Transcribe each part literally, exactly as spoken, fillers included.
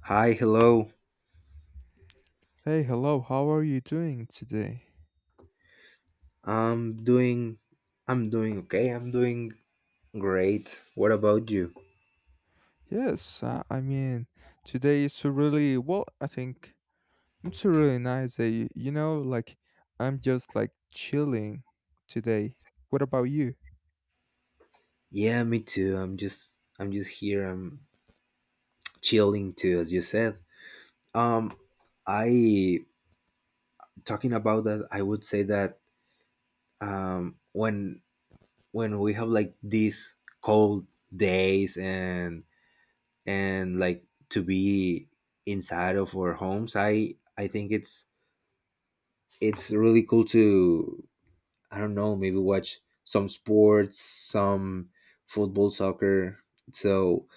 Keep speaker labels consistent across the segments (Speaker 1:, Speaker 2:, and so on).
Speaker 1: Hi, hello.
Speaker 2: Hey, hello, how are you doing today?
Speaker 1: I'm doing I'm doing okay. I'm doing great. What about you?
Speaker 2: Yes, uh, I mean, today is a really, well, I think it's a really nice day. You know, like, I'm just like chilling today. What about you?
Speaker 1: Yeah, me too. I'm just I'm just here. I'm chilling too, as you said. Um I talking about that, I would say that, um when when we have like these cold days, and and like to be inside of our homes, I I think it's it's really cool to, I don't know, maybe watch some sports, some football, soccer. So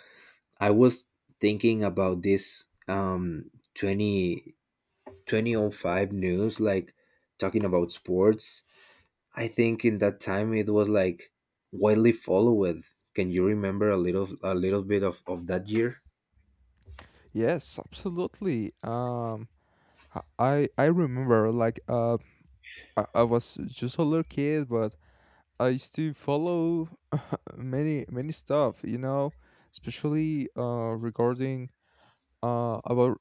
Speaker 1: I was thinking about this um 20 twenty oh five news, like talking about sports. I think in that time it was like widely followed. Can you remember a little a little bit of, of that year?
Speaker 2: Yes, absolutely. Um, I I I remember like uh I, I was just a little kid, but I used to follow many many stuff, you know, especially uh regarding uh about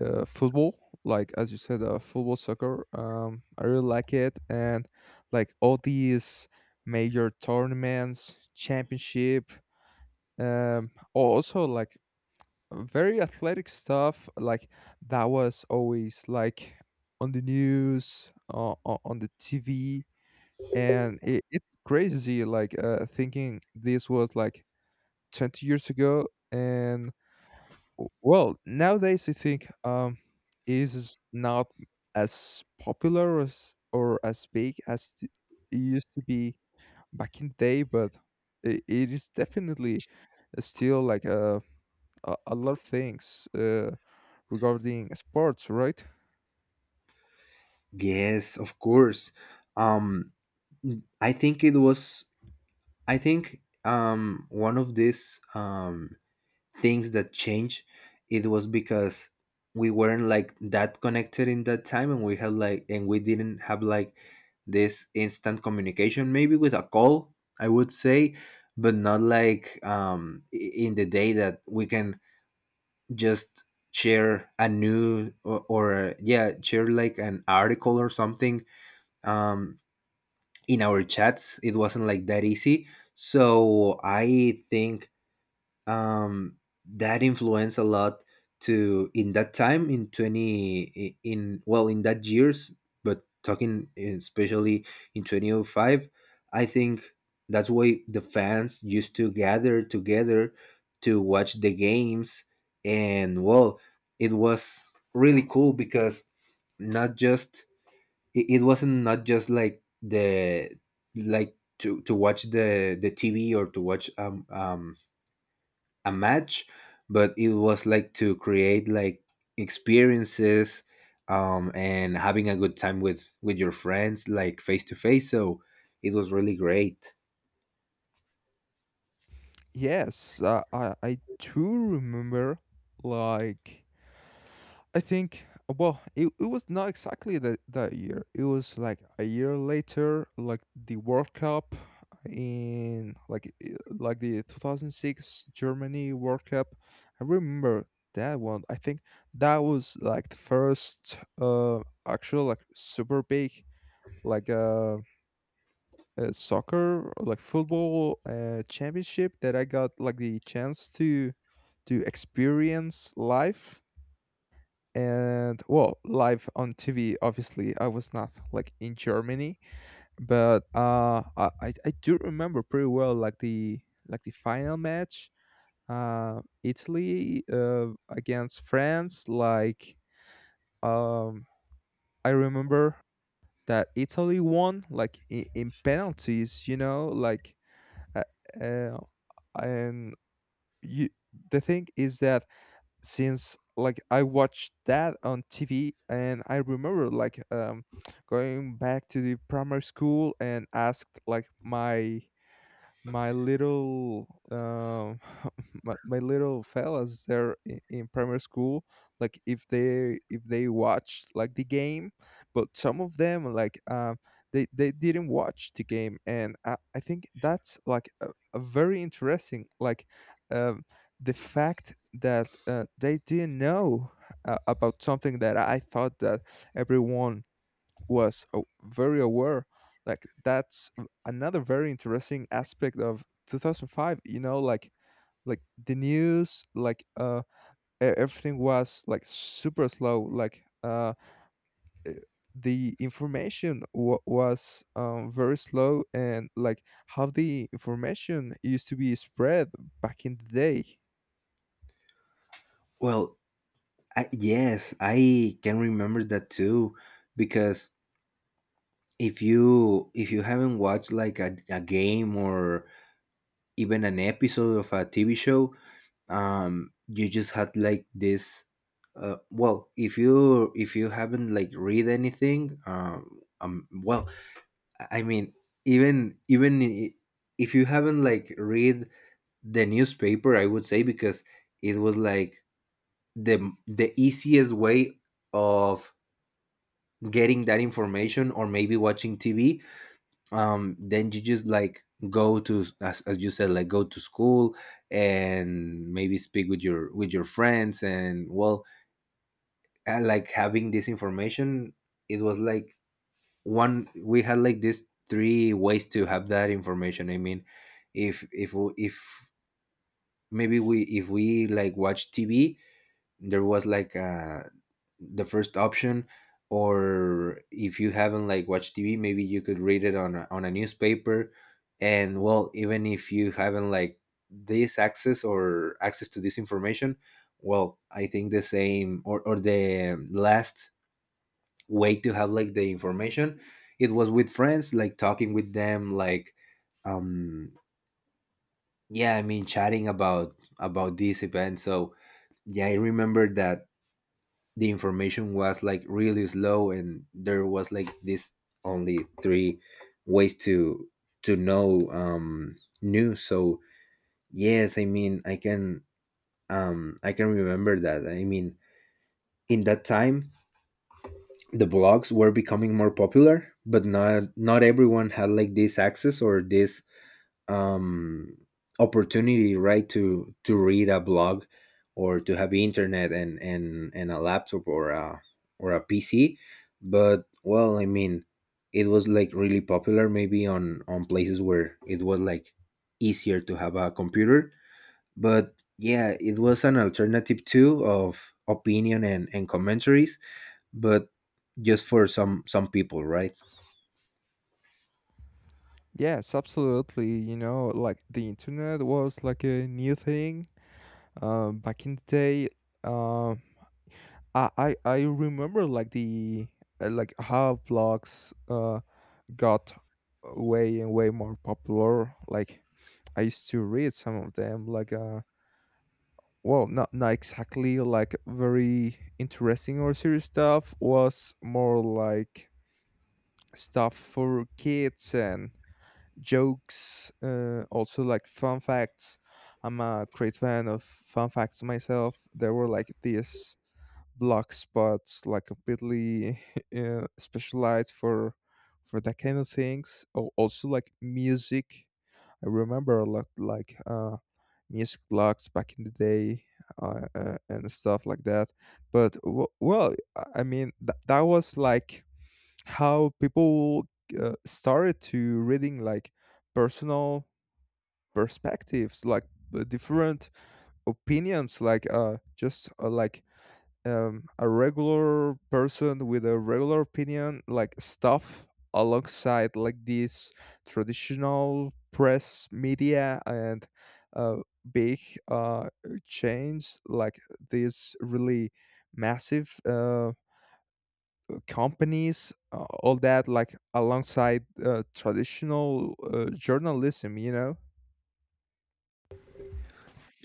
Speaker 2: uh, football like as you said uh, football soccer um I really like it and like all these major tournaments championship um al- also like very athletic stuff like that was always like on the news uh, o- on the tv and it, it's crazy like uh thinking this was like twenty years ago and W- Well, nowadays I think um, it is not as popular as, or as big as t- it used to be back in the day, but it, it is definitely still like a, a, a lot of things uh, regarding sports, right?
Speaker 1: Yes, of course. Um I think it was I think, um one of these, um things that change. It was because we weren't like that connected in that time, and, we had like and we didn't have like this instant communication, maybe with a call, I would say, but not like, um i- in the day that we can just share a new, or, or uh, yeah, share like an article or something, um in our chats, it wasn't like that easy, so I think, um, that influenced a lot to in that time, in twenty i- in, well, in that years, but talking, eh, especially in two thousand five, I think that's why the fans used to gather together to watch the games, and, well, it was really cool because, not just it, it wasn't not just like the, like to to watch the the T V, or to watch, um um a match, but it was like to create like experiences, um and having a good time with with your friends, like face to face, so it was really great.
Speaker 2: Yes, uh, I, I do remember like I think well, it, it was not exactly that that year. It was like a year later, like the World Cup in like i- like the two thousand six Germany World Cup. I remember that one. I think that was like the first uh actual like super big like uh, uh soccer like football uh championship that I got like the chance to to experience live and well live on tv obviously I was not like in germany but uh i i I do remember pretty well like the like the final match uh italy uh against france like um I remember that italy won like in, in penalties you know like uh, uh, and you the thing is that since like I watched that on T V and I remember like um going back to the primary school and asked like my my little um my, my little fellas there in, in primary school like if they if they watched like the game but some of them like um they they didn't watch the game and i, I think that's like a, a very interesting like um the fact that uh, they didn't know uh, about something that I thought that everyone was a- very aware like that's another very interesting aspect of two thousand five you know like like the news like uh e- everything was like super slow like uh uh, the information wa was um, very slow and like how the information used to be spread back in the day.
Speaker 1: Well, I, yes, I can remember that too, because if you if you haven't watched like a, a game, or even an episode of a T V show, um you just had like this. Uh, well if you if you haven't like read anything, um, um well, i I mean, even even i- if you haven't like read the newspaper, I would say, because it was like the the easiest way of getting that information, or maybe watching T V, um then you just like go to, as, as you said, like, go to school and maybe speak with your with your friends, and, well, uh, like having this information, it was like one, we had like this three ways to have that information, I mean, if if if, maybe we if we like watch T V, there was like a the first option, or if you haven't like watched T V, maybe you could read it on a, on a newspaper, and, well, even if you haven't like this access, or access to this information, well, I think the same, or, or the last way to have like the information, it was with friends, like talking with them, like, um yeah, I mean, chatting about about this event, so, yeah, I remember that the information was like really slow, and there was like this only three ways to to know um news. So, yes, I mean, i can um I can remember that, I mean, in that time the blogs were becoming more popular, but not not everyone had like this access, or this, um, opportunity, right? To to read a blog, or to have internet, and and and a laptop, or a or a P C, but, well, I mean, it was like really popular maybe on on places where it was like easier to have a computer, but, yeah, it was an alternative too, of opinion, and and commentaries, but just for some some people, right?
Speaker 2: Yes, absolutely. You know, like the internet was like a new thing um, back in the day. Um, I I, I remember like the uh, like how vlogs uh got way and way more popular. Like I used to read some of them. Like uh, well, not not exactly like very interesting or serious stuff. Was more like stuff for kids and jokes. Uh, also like fun facts. I'm a great fan of fun facts myself. There were like this blog spots like completely uh, specialized for for that kind of things. Or also like music I remember a lot like uh music blogs back in the day, uh, uh, and stuff like that but w- well i I mean th- that was like how people uh, started to reading like personal perspectives like uh, different opinions like uh just uh, like um, a regular person with a regular opinion like stuff alongside like this traditional press media and uh, big uh, chains like these really massive uh, companies uh, all that like alongside uh, traditional uh, journalism, you know.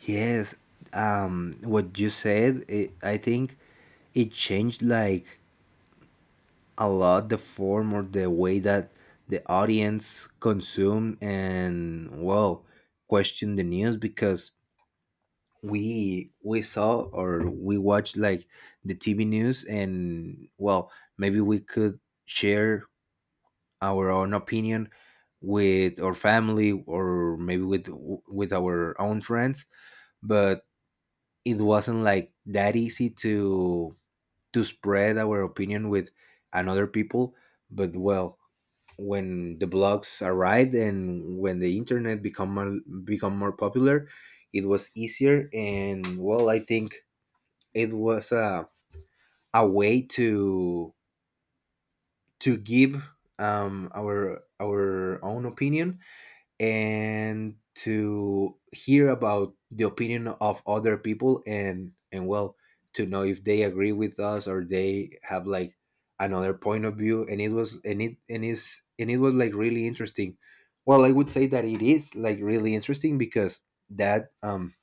Speaker 1: Yes, um, what you said, it, I think it changed like a lot the form, or the way that the audience consumed, and, well, questioned the news, because we we saw, or we watched, like, the T V news, and, well, maybe we could share our own opinion with our family, or maybe with with our own friends, but it wasn't like that easy to to spread our opinion with another people. But, well, when the blogs arrived, and when the internet become more, become more popular, it was easier, and, well, I think it was a, a way to to give, um, our our own opinion, and to hear about the opinion of other people, and and well, to know if they agree with us, or they have like another point of view, and it was and it and is and it was like really interesting. Well, I would say that it is like really interesting, because, that um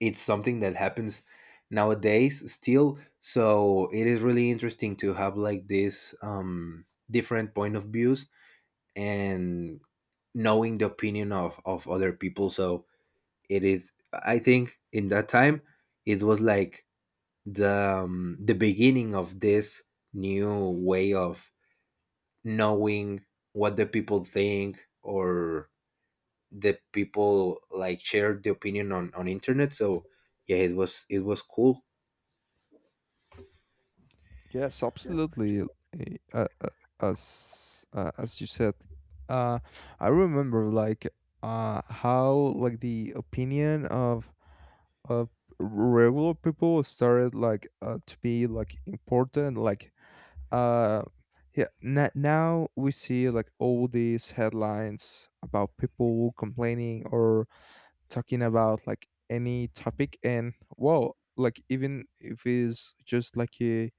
Speaker 1: it's something that happens nowadays still, so it is really interesting to have like this um different point of views and knowing the opinion of of other people so it is. I think in that time it was like, the um, the beginning of this new way of knowing what the people think, or the people like share the opinion on on internet, so, yeah, it was it was cool.
Speaker 2: Yes, absolutely. Eh, Uh, uh, as uh, as you said, uh, I remember like uh, how like the opinion of of regular people started like uh, to be like important. Like uh, yeah, na now we see like all these headlines about people complaining or talking about like any topic, and wow, like even if it's just like a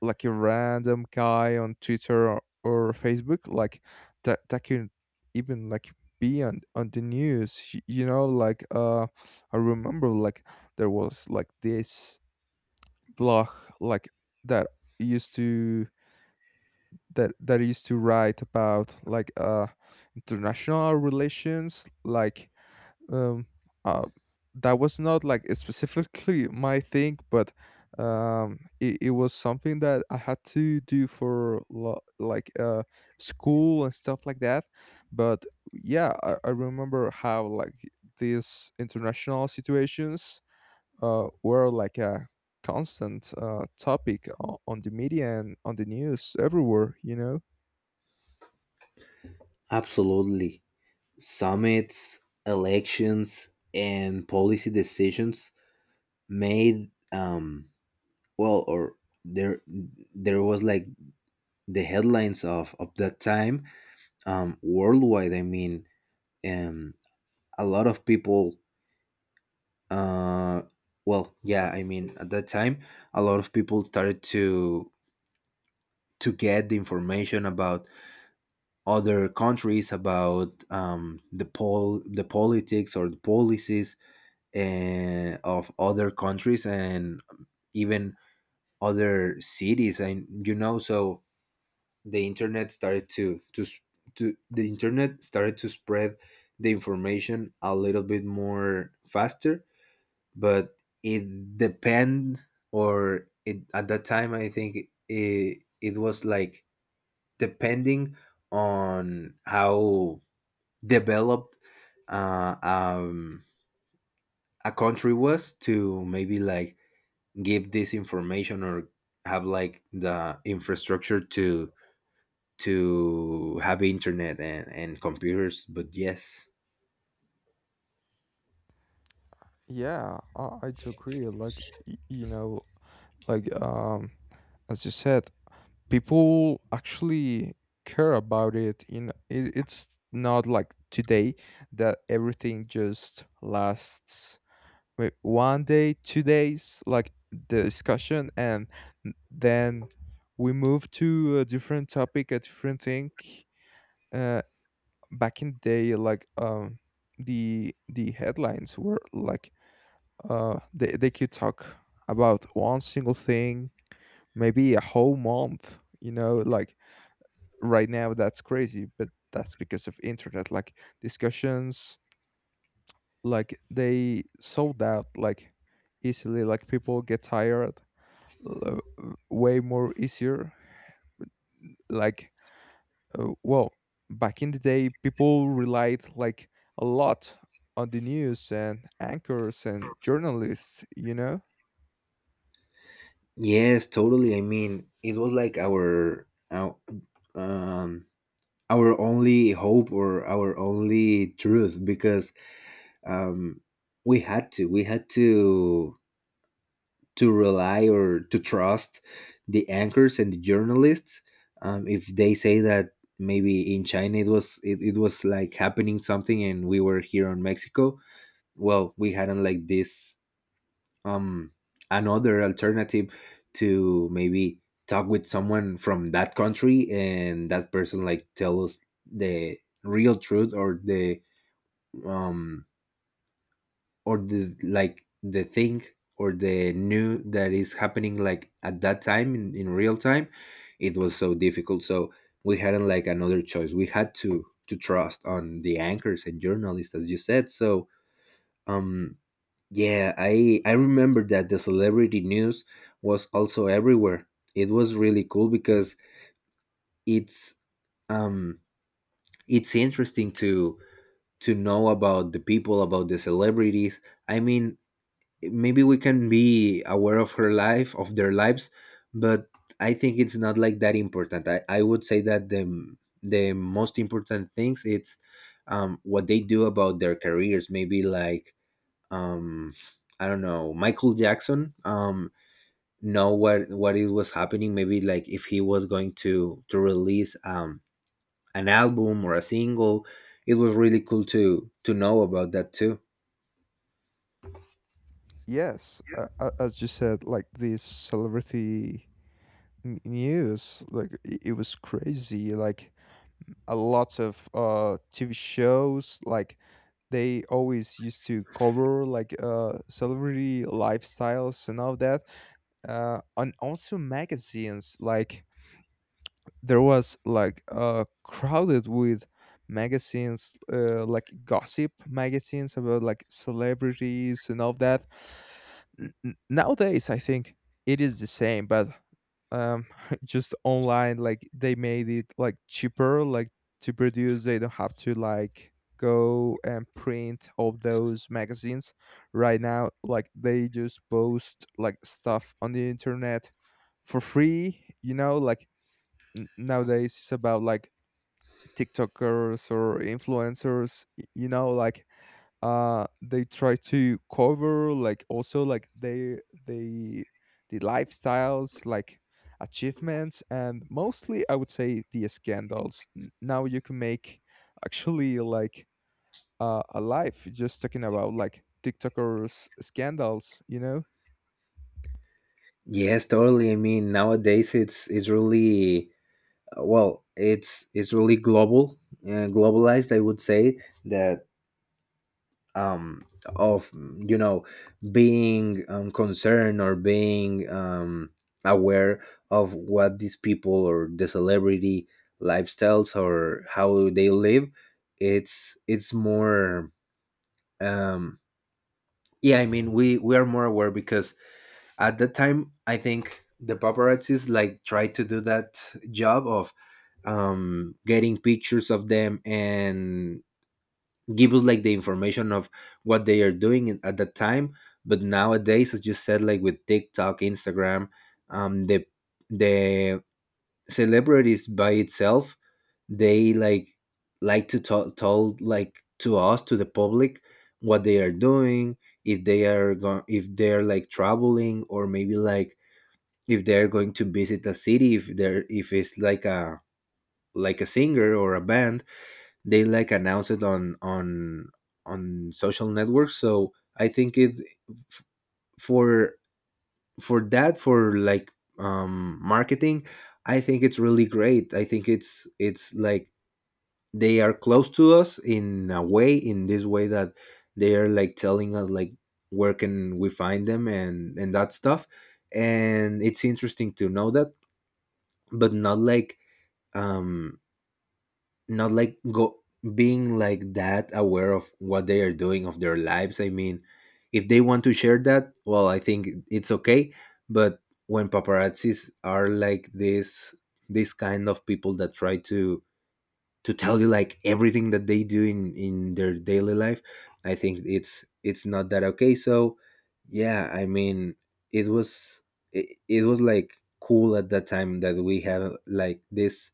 Speaker 2: like a random guy on Twitter or, or Facebook, like that that can even like be on on the news. y- You know, like uh, I remember like there was like this blog like that used to that that used to write about like uh international relations like um uh that was not like specifically my thing but um it, it was something that I had to do for lo- like uh school and stuff like that but yeah i, I remember how like these international situations uh were like a constant uh topic on, on the media and on the news everywhere, you know.
Speaker 1: Absolutely. Summits, elections, and policy decisions made, um well, or there there was like the headlines of of that time, um worldwide, I mean, um a lot of people uh well, yeah, I mean, at that time, a lot of people started to to get the information about other countries, about, um the pol the politics, or the policies, uh, of other countries, and even other cities, and you know, so, the internet started to to s- to the internet started to spread the information a little bit more faster. But, it depend or it at that time, I think, it it was like depending on how developed, uh, um, a country was, to maybe like give this information, or have like the infrastructure to to have internet, and, and computers. But, yes.
Speaker 2: Yeah i, I do agree like y- you know like um as you said people actually care about it in it, it's not like today that everything just lasts wait, one day two days like the discussion and n- then we move to a different topic a different thing, uh back in the day like um the the headlines were like uh they, they could talk about one single thing maybe a whole month you know like right now that's crazy but that's because of internet like discussions like they sold out like easily like people get tired, uh, way more easier like uh, well back in the day people relied like a lot on the news and anchors and journalists, you know.
Speaker 1: Yes, totally, I mean, it was like, our, our um our only hope, or our only truth, because, um we had to we had to to rely, or to trust, the anchors and the journalists, um if they say that, maybe in China, it was it, it was like happening something, and we were here in Mexico, well, we hadn't like this, um another alternative, to maybe talk with someone from that country, and that person like tell us the real truth, or the, um or the like the thing, or the new that is happening, like at that time in, in real time, it was so difficult, so we hadn't like another choice, we had to to trust on the anchors and journalists, as you said. So, um yeah, I I remember that the celebrity news was also everywhere. It was really cool because, it's um it's interesting to to know about the people, about the celebrities. I mean, maybe we can be aware of her life, of their lives, but I think it's not like that important. I, I would say that the the most important things it's, um what they do about their careers, maybe like, um I don't know, Michael Jackson, um know what what it was happening, maybe like if he was going to to release, um an album or a single. It was really cool to to know about that too.
Speaker 2: Yes, uh, uh, as you said like this celebrity n- news like it, it was crazy like a lots of uh T V shows like they always used to cover like uh celebrity lifestyles and all that uh and also magazines like there was like uh, crowded with magazines uh, like gossip magazines about like celebrities and all that. N- n- nowadays I think it is the same but um just online like they made it like cheaper like to produce they don't have to like go and print all those magazines right now like they just post like stuff on the internet for free you know like n- nowadays it's about like TikTokers or influencers, y- you know, like uh they try to cover like also like they they the lifestyles like achievements and mostly I would say the scandals. N- Now you can make actually like uh, a life just talking about like TikTokers scandals, you know?
Speaker 1: Yes, totally, I mean, nowadays it's it's really, well, it's it's really, global uh, globalized, I would say that, um, of mm, you know, being, um, concerned, or being, um, aware of what these people, or the celebrity lifestyles, or how they live, it's it's more, um, yeah, I mean, we we are more aware, because at that time I think the paparazzis like try to do that job of, um, getting pictures of them, and give us like the information of what they are doing, in- at that time. But nowadays, as you said, like with TikTok, Instagram, um the the celebrities by itself, they like like to tell told, like, to us, to the public, what they are doing, if they are going, if they're like traveling, or maybe like, if they're going to visit a city, if they're if it's like a like a singer, or a band, they like announce it on on on social networks, so I think, it f- for for that, for like, um marketing, I think it's really great. I think it's it's like they are close to us in a way, in this way, that they are like telling us, like, where can we find them, and and that stuff, and it's interesting to know that, but not like, um not like, go being like that aware of what they are doing, of their lives, I mean, if they want to share that, well, I think it's okay. But when paparazzis are like this this kind of people that try to to tell you like everything that they do in in their daily life, I think it's it's not that okay. So, yeah, I mean, it was it, it was like cool at that time that we have like this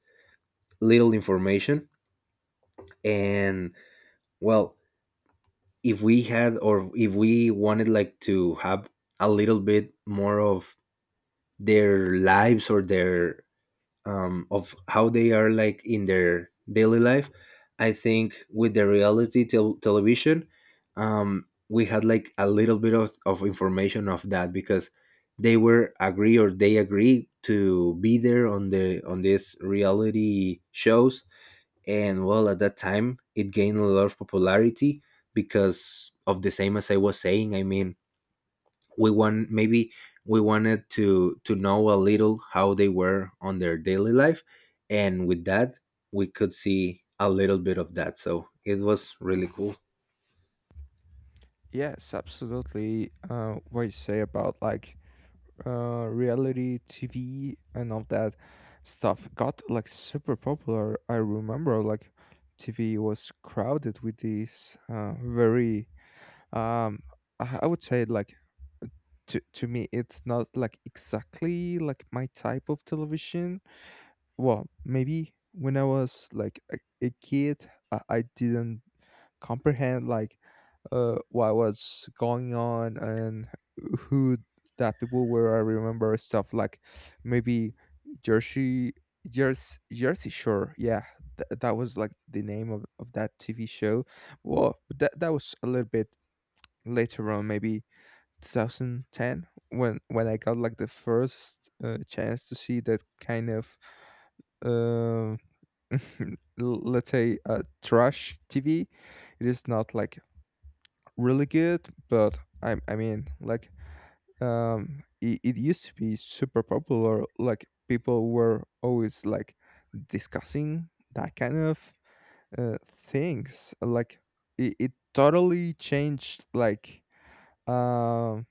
Speaker 1: little information. And well, if we had or if we wanted like to have a little bit more of their lives or their um of how they are like in their daily life, I think with the reality tel- television. Um we had like a little bit of, of information of that because they were agree or they agree to be there on the on these reality shows. And well, at that time it gained a lot of popularity because of the same, as I was saying. I mean, we want maybe we wanted to to know a little how they were on their daily life, and with that we could see a little bit of that. So it was really cool.
Speaker 2: Yes, absolutely. Uh, what you say about like uh, reality T V and all that stuff got like super popular. I remember like T V was crowded with these uh, very um, I I would say like to to me it's not like exactly like my type of television. Well, maybe when I was like a, a kid, I, I didn't comprehend like uh, what was going on and who that people were. I remember stuff like maybe Jersey, Jersey, Jersey Shore. Yeah, th- that was like the name of, of that T V show. Well, that that was a little bit later on, maybe two thousand ten when when I got like the first uh, chance to see that kind of um, l- let's say uh, trash T V. It is not like really good, but I I mean like um it, it used to be super popular. Like people were always like discussing that kind of uh, things. Like it, it totally changed like um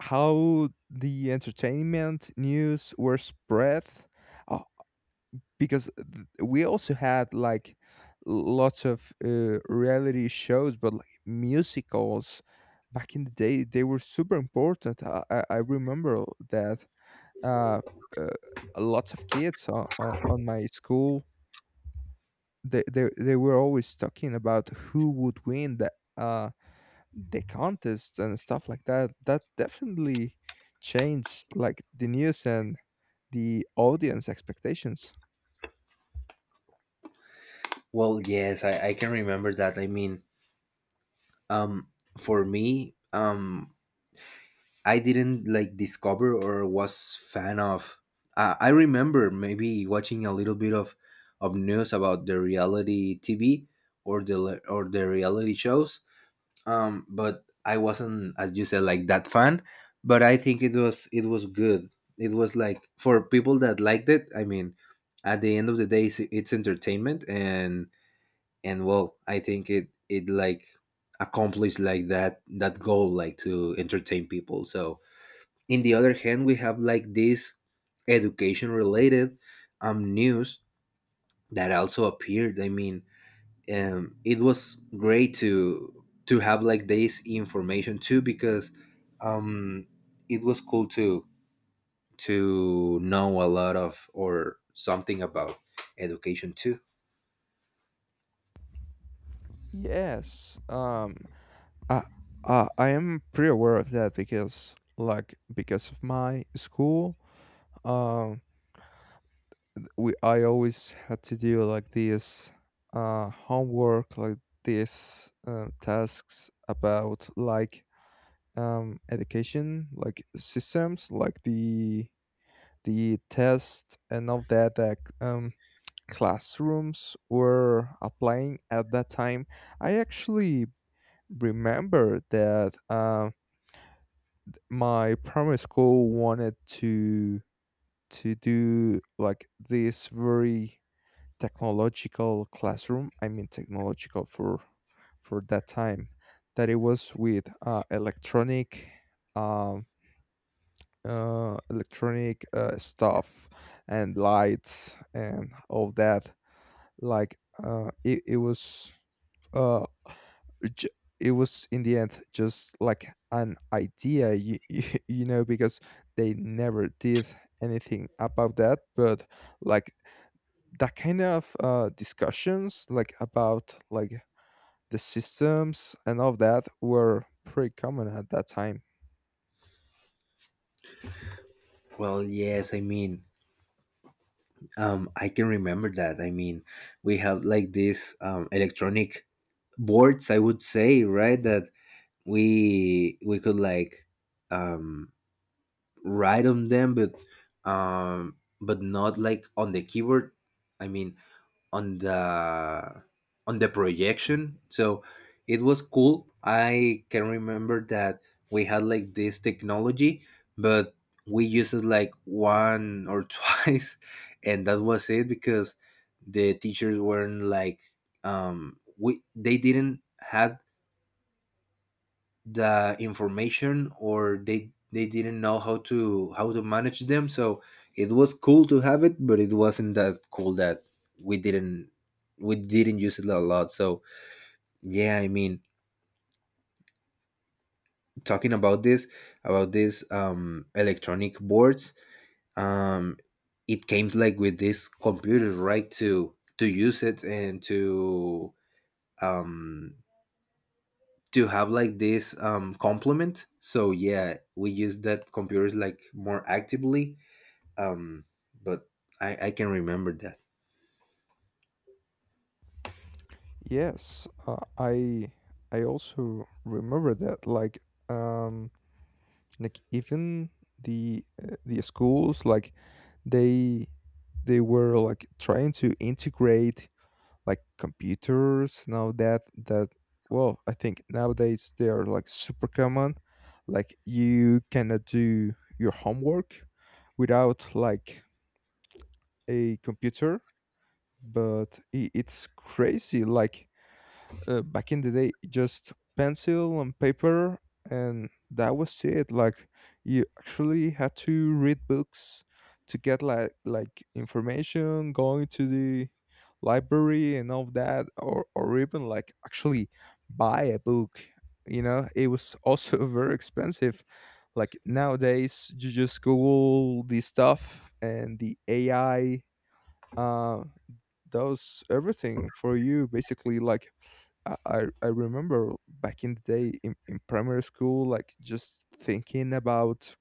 Speaker 2: how the entertainment news were spread. Oh, because th- we also had like lots of uh, reality shows but like musicals back in the day they were super important. i, I I remember that uh, uh, lots of kids on, on, on my school they, they, they were always talking about who would win the, uh, the contest and stuff like that that definitely changed like the news and the audience expectations.
Speaker 1: Well, yes, i, I can remember that. I mean, um for me, um I didn't like discover or was fan of. Uh, I remember maybe watching a little bit of, of news about the reality T V or the le- or the reality shows. Um, but I wasn't, as you said, like that fan. But I think it was it was good. It was like for people that liked it. I mean, at the end of the day, it's, it's entertainment, and and well, I think it it like accomplished like that that goal, like to entertain people. So in the other hand we have like this education related um news that also appeared. I mean, um it was great to to have like this information too, because um it was cool to to know a lot of or something about education too.
Speaker 2: yes um Uh, uh, I am pretty aware of that because, like, because of my school, um, we I always had to do like this uh, homework, like these uh, tasks about like um, education, like systems, like the the test and all that that um, classrooms were applying at that time. I actually remember that. Um, my primary school wanted to to do like this very technological classroom I mean technological for for that time that it was with uh, electronic um uh, electronic uh, stuff and lights and all that like uh, it, it was uh j- it was in the end just like an idea you, you, you know because they never did anything about that but like that kind of uh discussions like about like the systems and all of that were pretty common at that time.
Speaker 1: Well, yes, I mean, um I can remember that. I mean, we have like this um electronic boards, I would say, right? That we we could like, um write on them, but um but not like on the keyboard. I mean, on the on the projection so it was cool. I can remember that we had like this technology, but we used it like one or twice, and that was it because the teachers weren't like, um we they didn't had the information, or they they didn't know how to how to manage them. So it was cool to have it, but it wasn't that cool that we didn't we didn't use it a lot. So yeah, I mean, talking about this about this um electronic boards. um it came like with this computer, right, to to use it and to, um to have like this um complement. So yeah, we use that computers like more actively. um but i i can remember that.
Speaker 2: Yes, uh, i i also remember that like um like even the uh, the schools like they they were like trying to integrate like computers now that that well I think nowadays they are like super common like you cannot do your homework without like a computer but i- it's crazy like uh, back in the day just pencil and paper and that was it like you actually had to read books to get like like information going to the library and all that or or even like actually buy a book you know it was also very expensive like nowadays you just google the stuff and the ai uh does everything for you basically like I, I I remember back in the day in, in primary school, like just thinking about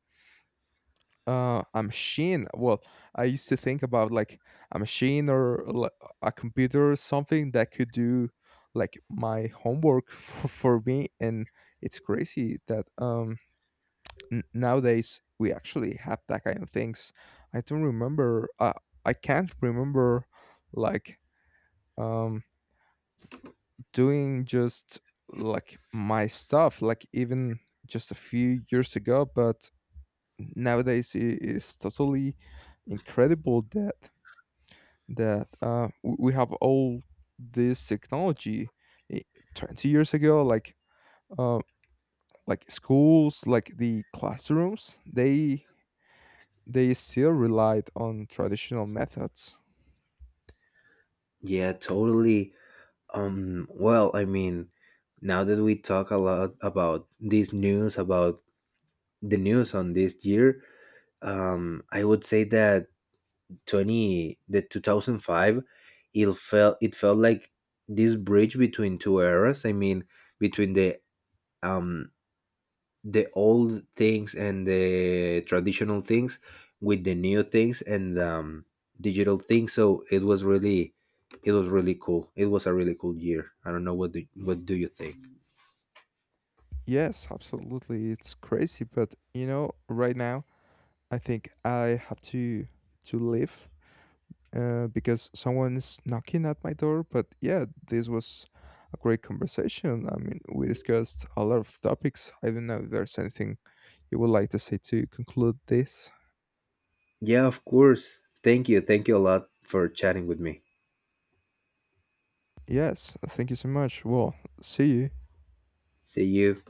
Speaker 2: uh, a machine. Well, I used to think about like a machine or li- a computer or something that could do like my homework for, for me. And it's crazy that um, n- nowadays we actually have that kind of things. I don't remember. Uh, I can't remember like um doing just like my stuff, like even just a few years ago. But nowadays, it is totally incredible that that uh, w- we have all this technology. I- Twenty years ago, like uh, like schools, like the classrooms, they they still relied on traditional methods.
Speaker 1: Yeah, totally. Um well, I mean, now that we talk a lot about this news, about the news on this year, um I would say that 20 the two thousand five it felt it felt like this bridge between two eras. I mean, between the, um the old things and the traditional things with the new things and, um, digital things. So it was really, it was really cool. It was a really cool year. I don't know, what do what do you think?
Speaker 2: Yes, absolutely. It's crazy, but you know, right now I think I have to to leave uh, because someone's knocking at my door. But yeah, this was a great conversation. I mean, we discussed a lot of topics. I don't know if there's anything you would like to say to conclude this.
Speaker 1: Yeah, of course. Thank you. Thank you a lot for chatting with me.
Speaker 2: Yes, thank you so much. Well, see you.
Speaker 1: See you.